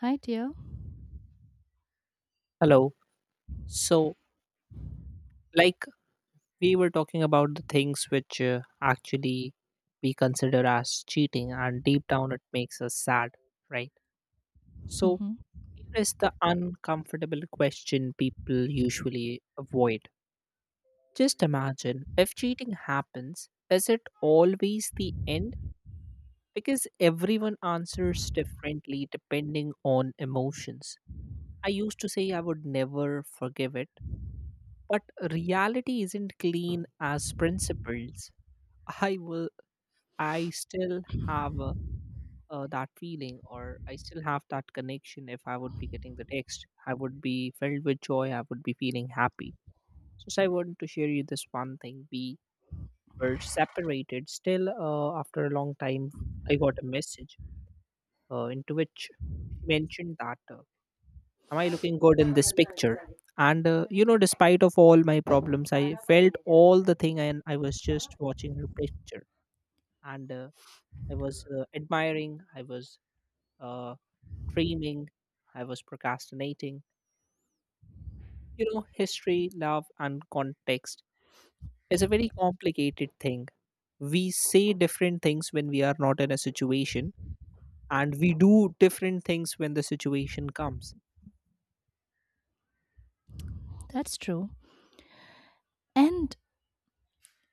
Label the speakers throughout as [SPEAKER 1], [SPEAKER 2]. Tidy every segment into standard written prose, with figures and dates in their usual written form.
[SPEAKER 1] Hi, dear.
[SPEAKER 2] Hello. So, like we were talking about the things which actually we consider as cheating, and deep down it makes us sad, right? So,
[SPEAKER 1] Hmm.
[SPEAKER 2] here is the uncomfortable question people usually avoid. Just imagine if cheating happens, is it always the end? Because everyone answers differently depending on emotions. I used to say I would never forgive it, but reality isn't clean as principles. I will i still have that feeling, or I still have that connection. If I would be getting the text, I would be filled with joy, I would be feeling happy. So I wanted to share you this one thing. We were separated still. After a long time, I got a message into which she mentioned that, am I looking good in this picture? And despite of all my problems, I felt all the thing and I was just watching her picture. And I was admiring, I was uh, dreaming, I was procrastinating. History, love and context is a very complicated thing. We say different things when we are not in a situation, and we do different things when the situation comes.
[SPEAKER 1] That's true. And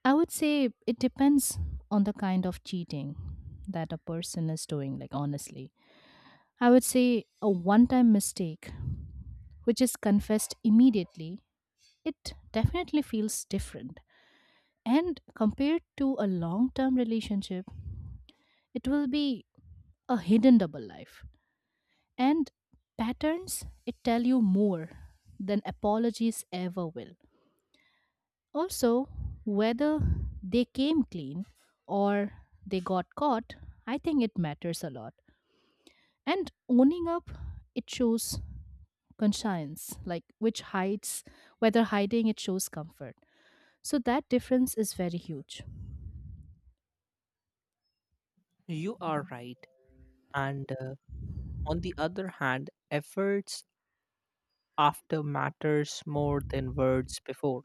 [SPEAKER 1] I would say it depends on the kind of cheating that a person is doing, like, honestly. I would say a one time mistake, which is confessed immediately, it definitely feels different. And compared to a long term relationship, it will be a hidden double life. And patterns, it tell you more than apologies ever will. Also, whether they came clean or they got caught, I think it matters a lot. And owning up, it shows conscience, like which hides, whether hiding, it shows comfort. So that difference is very huge.
[SPEAKER 2] You are right. And on the other hand, efforts after matters more than words before.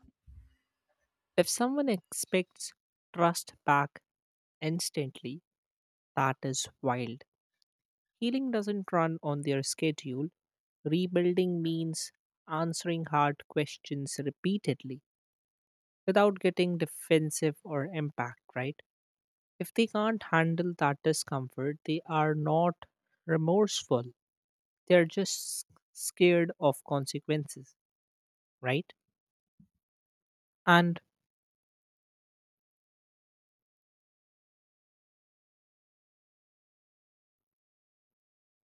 [SPEAKER 2] If someone expects trust back instantly, that is wild. Healing doesn't run on their schedule. Rebuilding means answering hard questions repeatedly without getting defensive or impact, right? If they can't handle that discomfort, they are not remorseful. They're just scared of consequences, right? And,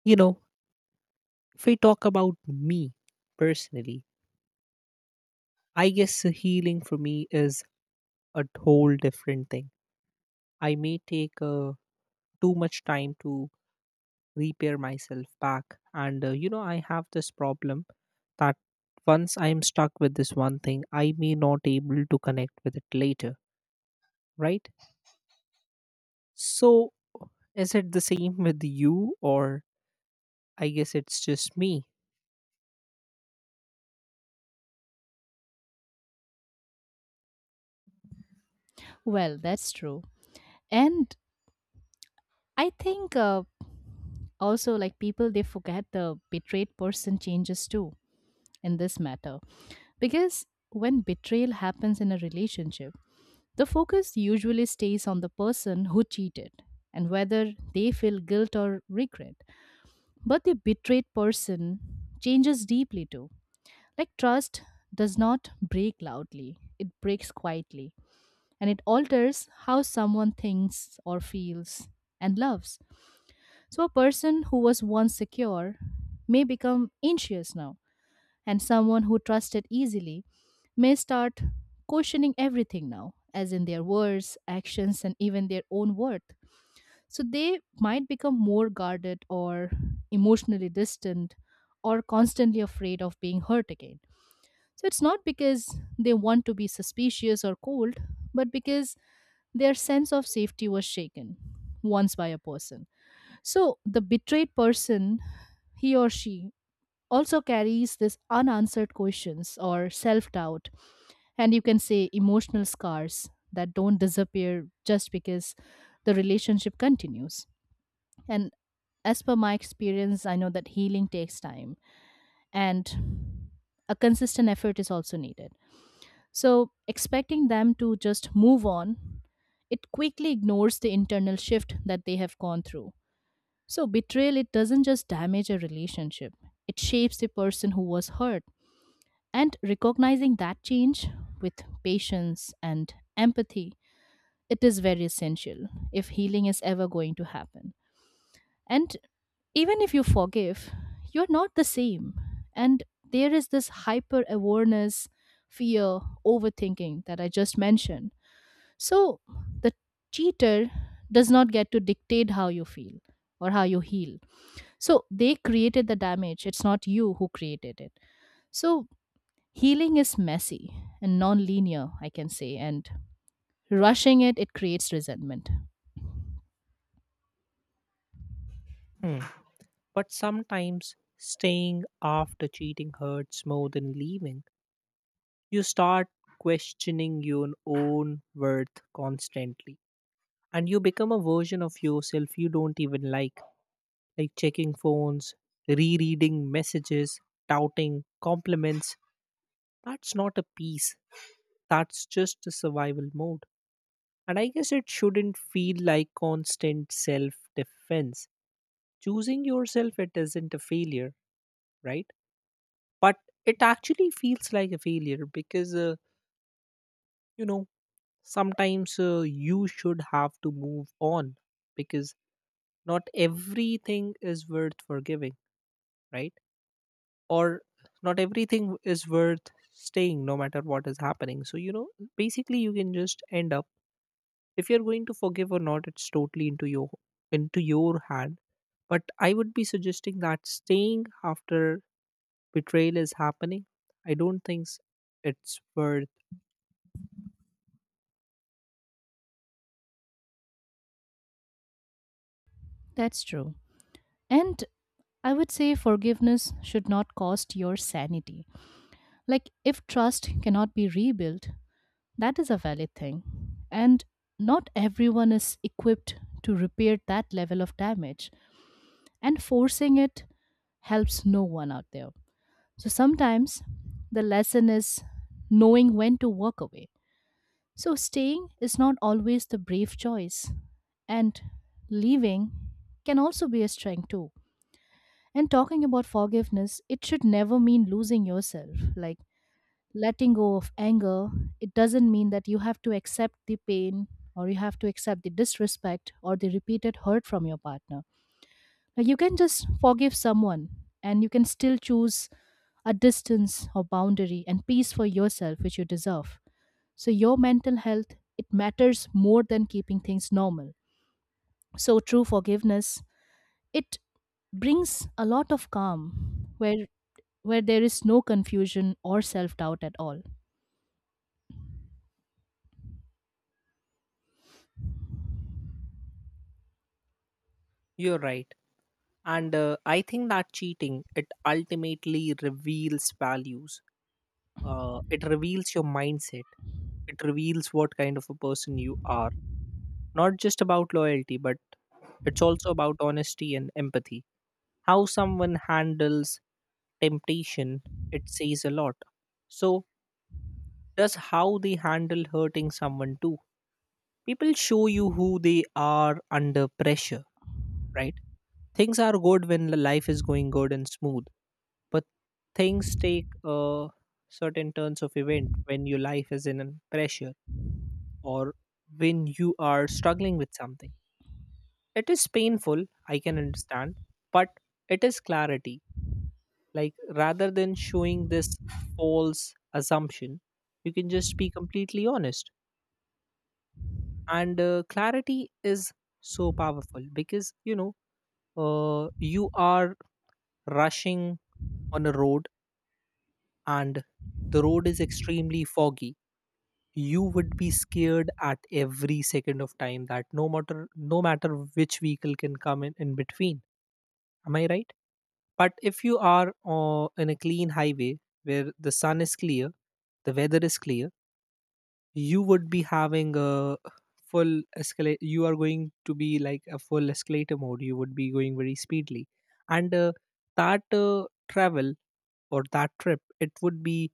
[SPEAKER 2] you know, if we talk about me personally, I guess healing for me is a whole different thing. I may take too much time to repair myself back. And, I have this problem that once I am stuck with this one thing, I may not able to connect with it later, right? So is it the same with you, or I guess it's just me?
[SPEAKER 1] Well, that's true. And I think also, like people, they forget the betrayed person changes too in this matter. Because when betrayal happens in a relationship, the focus usually stays on the person who cheated and whether they feel guilt or regret. But the betrayed person changes deeply too. Like, trust does not break loudly, it breaks quietly, and it alters how someone thinks or feels and loves. So a person who was once secure may become anxious now, and someone who trusted easily may start questioning everything now, as in their words, actions, and even their own worth. So they might become more guarded or emotionally distant or constantly afraid of being hurt again. So it's not because they want to be suspicious or cold, but because their sense of safety was shaken once by a person. So the betrayed person, he or she, also carries this unanswered questions or self-doubt, and you can say emotional scars that don't disappear just because the relationship continues. And as per my experience, I know that healing takes time, and a consistent effort is also needed. So expecting them to just move on, it quickly ignores the internal shift that they have gone through. So betrayal, it doesn't just damage a relationship, it shapes the person who was hurt, and recognizing that change with patience and empathy, it is very essential if healing is ever going to happen. And even if you forgive, you're not the same. And there is this hyper awareness, fear, overthinking that I just mentioned. So the cheater does not get to dictate how you feel or how you heal. So they created the damage. It's not you who created it. So healing is messy and non-linear, I can say, and rushing it creates resentment.
[SPEAKER 2] Hmm. But sometimes staying after cheating hurts more than leaving. You start questioning your own worth constantly. And you become a version of yourself you don't even like checking phones, rereading messages, doubting compliments. That's not a peace, that's just a survival mode. And I guess it shouldn't feel like constant self defense. Choosing yourself, it isn't a failure, right? But it actually feels like a failure because, you know, sometimes you should have to move on because not everything is worth forgiving, right? Or not everything is worth staying, no matter what is happening. So basically you can just end up, if you're going to forgive or not, it's totally into your hand. But I would be suggesting that staying after betrayal is happening, I don't think it's worth.
[SPEAKER 1] That's true. And I would say forgiveness should not cost your sanity. Like, if trust cannot be rebuilt, that is a valid thing. And not everyone is equipped to repair that level of damage. And forcing it helps no one out there. So sometimes the lesson is knowing when to walk away. So staying is not always the brave choice, and leaving can also be a strength too. And talking about forgiveness, it should never mean losing yourself. Like letting go of anger, it doesn't mean that you have to accept the pain or you have to accept the disrespect or the repeated hurt from your partner. Like, you can just forgive someone and you can still choose a distance or boundary and peace for yourself, which you deserve. So your mental health, it matters more than keeping things normal. So true forgiveness, it brings a lot of calm where there is no confusion or self-doubt at all.
[SPEAKER 2] You're right. And I think that cheating, it ultimately reveals values. It reveals your mindset, it reveals what kind of a person you are. Not just about loyalty, but it's also about honesty and empathy. How someone handles temptation, it says a lot. So does how they handle hurting someone too. People show you who they are under pressure, right? Things are good when the life is going good and smooth. But things take a certain turns of event when your life is in an pressure, or when you are struggling with something. It is painful, I can understand, but it is clarity. Like rather than showing this false assumption, you can just be completely honest. And clarity is so powerful because, you know, you are rushing on a road, and the road is extremely foggy. You would be scared at every second of time that, no matter, which vehicle can come in between. Am I right? But if you are in a clean highway where the sun is clear, the weather is clear, you would be having a full escalate. You are going to be like a full escalator mode, you would be going very speedily. And that travel or that trip, it would be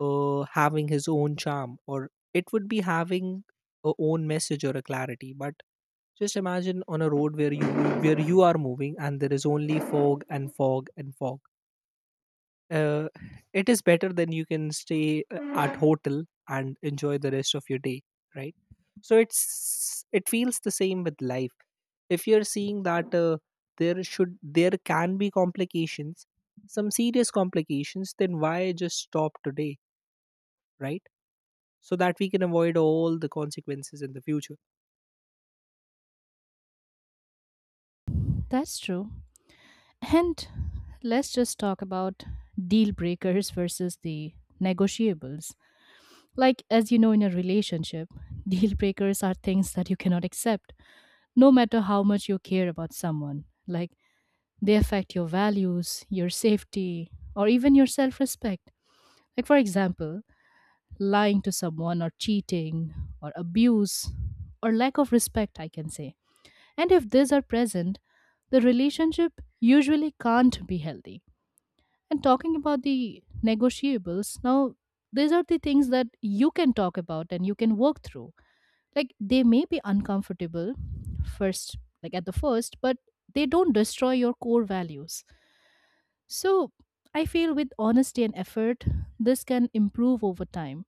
[SPEAKER 2] having his own charm, or it would be having a own message or a clarity. But just imagine on a road where you are moving and there is only fog and fog and fog. uh, it is better than you can stay at hotel and enjoy the rest of your day, right? So it's, it feels the same with life. If you're seeing that, there can be complications, some serious complications, then why just stop today, right? So that we can avoid all the consequences in the future.
[SPEAKER 1] That's true. And let's just talk about deal breakers versus the negotiables. Like, as you know, in a relationship, deal breakers are things that you cannot accept, no matter how much you care about someone. Like, they affect your values, your safety, or even your self respect. Like, for example, lying to someone, or cheating, or abuse, or lack of respect, I can say. And if these are present, the relationship usually can't be healthy. And talking about the negotiables, now these are the things that you can talk about and you can work through. Like, they may be uncomfortable first, like at the first, but they don't destroy your core values. So I feel with honesty and effort, this can improve over time,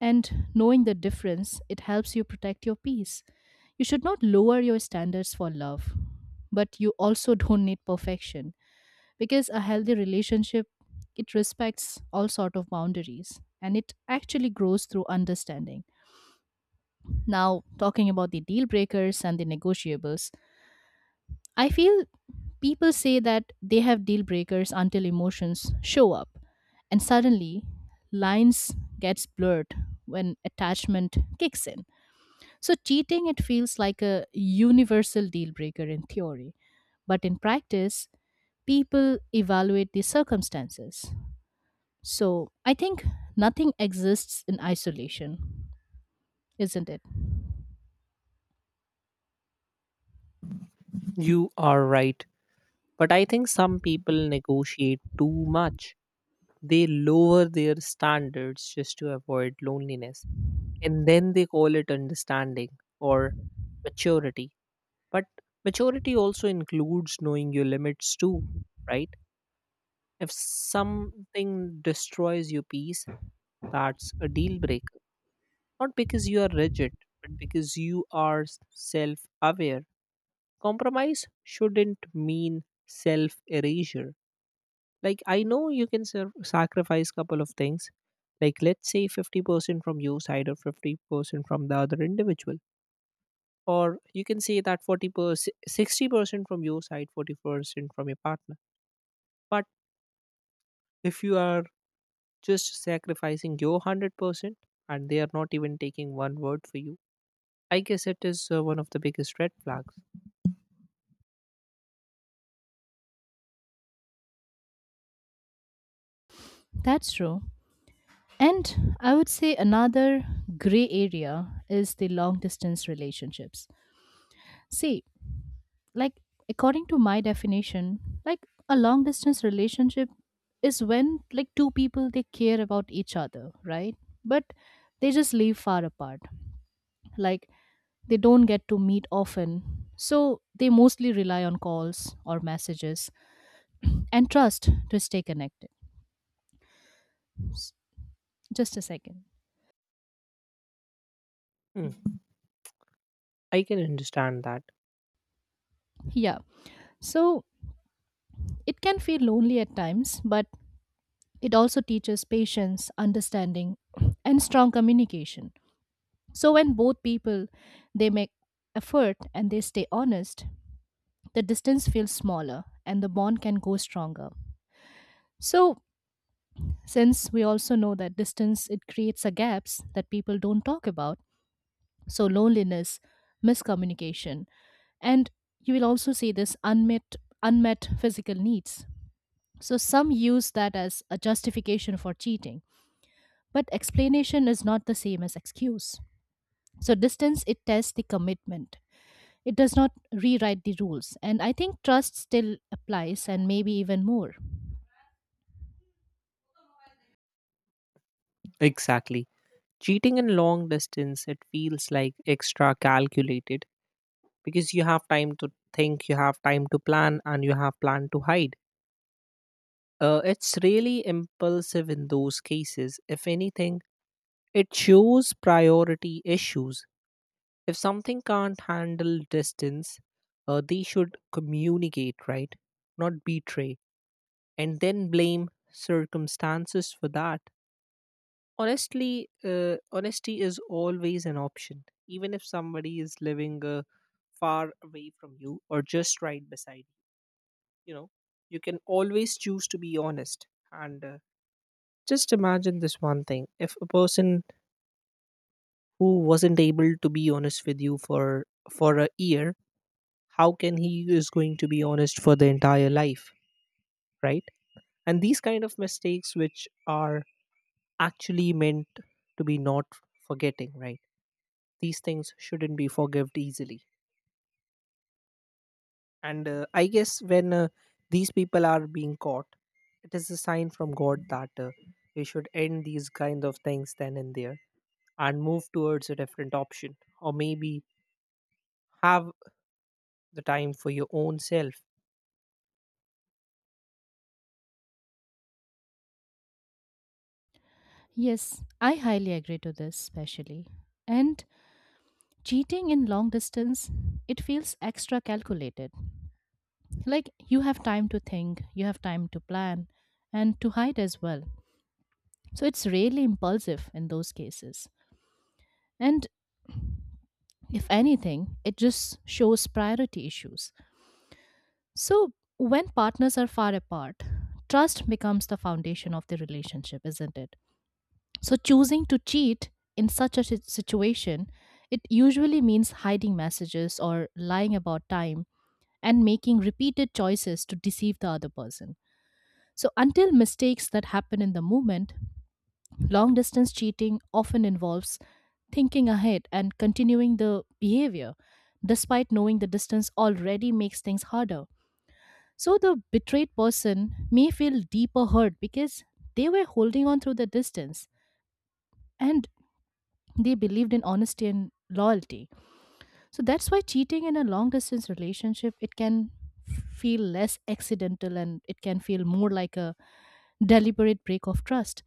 [SPEAKER 1] and knowing the difference, it helps you protect your peace. You should not lower your standards for love, but you also don't need perfection, because a healthy relationship, it respects all sort of boundaries and it actually grows through understanding. Now, talking about the deal breakers and the negotiables, I feel people say that they have deal breakers until emotions show up, and suddenly lines gets blurred when attachment kicks in. So cheating, it feels like a universal deal breaker in theory, but in practice, people evaluate the circumstances. So I think nothing exists in isolation, isn't it?
[SPEAKER 2] You are right. But I think some people negotiate too much. They lower their standards just to avoid loneliness. And then they call it understanding or maturity. But maturity also includes knowing your limits too, right? If something destroys your peace, that's a deal breaker. Not because you are rigid, but because you are self aware. Compromise shouldn't mean self erasure. Like I know you can sacrifice couple of things. Like let's say 50% from your side or 50% from the other individual. Or you can say that 40%, 60% from your side, 40% from your partner. But if you are just sacrificing your 100% and they are not even taking one word for you, I guess it is one of the biggest red flags.
[SPEAKER 1] That's true. And I would say another gray area is the long distance relationships. See, like, according to my definition, like, a long distance relationship is when, like, two people they care about each other, right? But they just live far apart. Like, they don't get to meet often. So they mostly rely on calls or messages and trust to stay connected. Just a second.
[SPEAKER 2] Hmm, I can understand that.
[SPEAKER 1] Yeah. So it can feel lonely at times, but it also teaches patience, understanding, and strong communication. So when both people, they make effort and they stay honest, the distance feels smaller and the bond can go stronger. So since we also know that distance, it creates a gaps that people don't talk about, so loneliness, miscommunication, and you will also see this unmet physical needs. So some use that as a justification for cheating. But explanation is not the same as excuse. So distance, it tests the commitment. It does not rewrite the rules. And I think trust still applies and maybe even more.
[SPEAKER 2] Exactly. Cheating in long distance, it feels like extra calculated because you have time to think, you have time to plan, and you have plan to hide. It's really impulsive in those cases. If anything, it shows priority issues. If something can't handle distance, they should communicate, right? Not betray, and then blame circumstances for that. Honestly, honesty is always an option, even if somebody is living far away from you or just right beside you. You know, you can always choose to be honest. And just imagine this one thing, if a person who wasn't able to be honest with you for a year, how can he is going to be honest for the entire life, right? And these kind of mistakes which are actually meant to be not forgetting, right, these things shouldn't be forgived easily. And I guess when these people are being caught, it is a sign from God that we should end these kind of things then and there, and move towards a different option, or maybe have the time for your own self.
[SPEAKER 1] Yes, I highly agree to this especially. And cheating in long distance, it feels extra calculated. Like, you have time to think, you have time to plan and to hide as well. So it's really impulsive in those cases. And if anything, it just shows priority issues. So when partners are far apart, trust becomes the foundation of the relationship, isn't it? So choosing to cheat in such a situation, it usually means hiding messages or lying about time and making repeated choices to deceive the other person. So, until mistakes that happen in the moment, long distance cheating often involves thinking ahead and continuing the behavior, despite knowing the distance already makes things harder. So the betrayed person may feel deeper hurt because they were holding on through the distance, and they believed in honesty and loyalty. So that's why cheating in a long distance relationship, it can feel less accidental and it can feel more like a deliberate break of trust.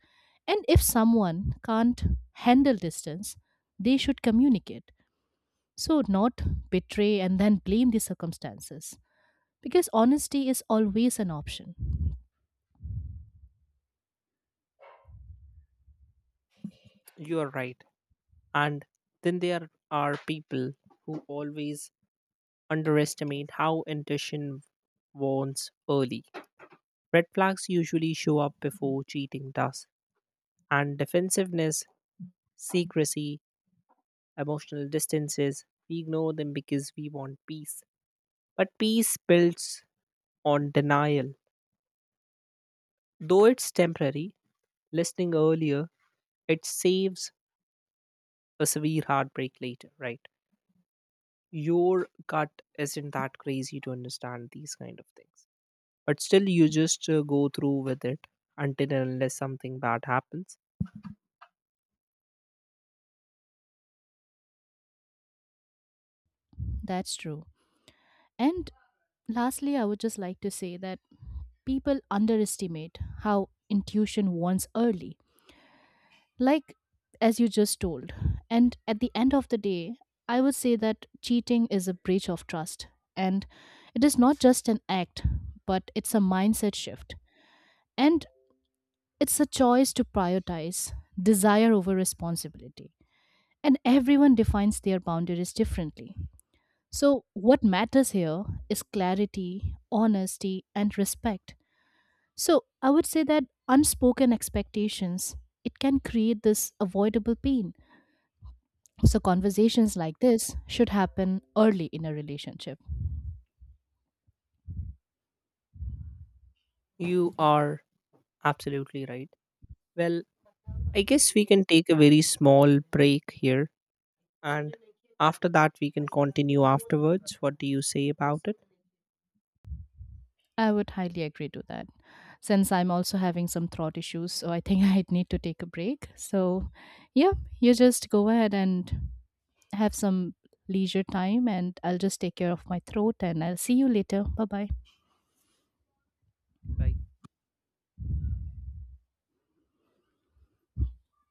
[SPEAKER 1] And if someone can't handle distance, they should communicate. So not betray and then blame the circumstances, because honesty is always an option.
[SPEAKER 2] You are right. And then there are people who always underestimate how intuition warns early. Red flags usually show up before cheating does, and defensiveness, secrecy, emotional distances, we ignore them because we want peace. But peace builds on denial. Though it's temporary, listening earlier, it saves a severe heartbreak later, right? Your gut isn't that crazy to understand these kind of things. But still, you just go through with it until and unless something bad happens.
[SPEAKER 1] That's true. And lastly, I would just like to say that people underestimate how intuition wants early, like as you just told. And at the end of the day, I would say that cheating is a breach of trust. And it is not just an act, but it's a mindset shift. And it's a choice to prioritize desire over responsibility. And everyone defines their boundaries differently. So what matters here is clarity, honesty, and respect. So I would say that unspoken expectations, it can create this avoidable pain. So conversations like this should happen early in a relationship.
[SPEAKER 2] You are absolutely right. Well, I guess we can take a very small break here. And after that, we can continue afterwards. What do you say about it?
[SPEAKER 1] I would highly agree to that. Since I'm also having some throat issues, so I think I'd need to take a break. So yeah, you just go ahead and have some leisure time and I'll just take care of my throat and I'll see you later. Bye bye.
[SPEAKER 2] Bye.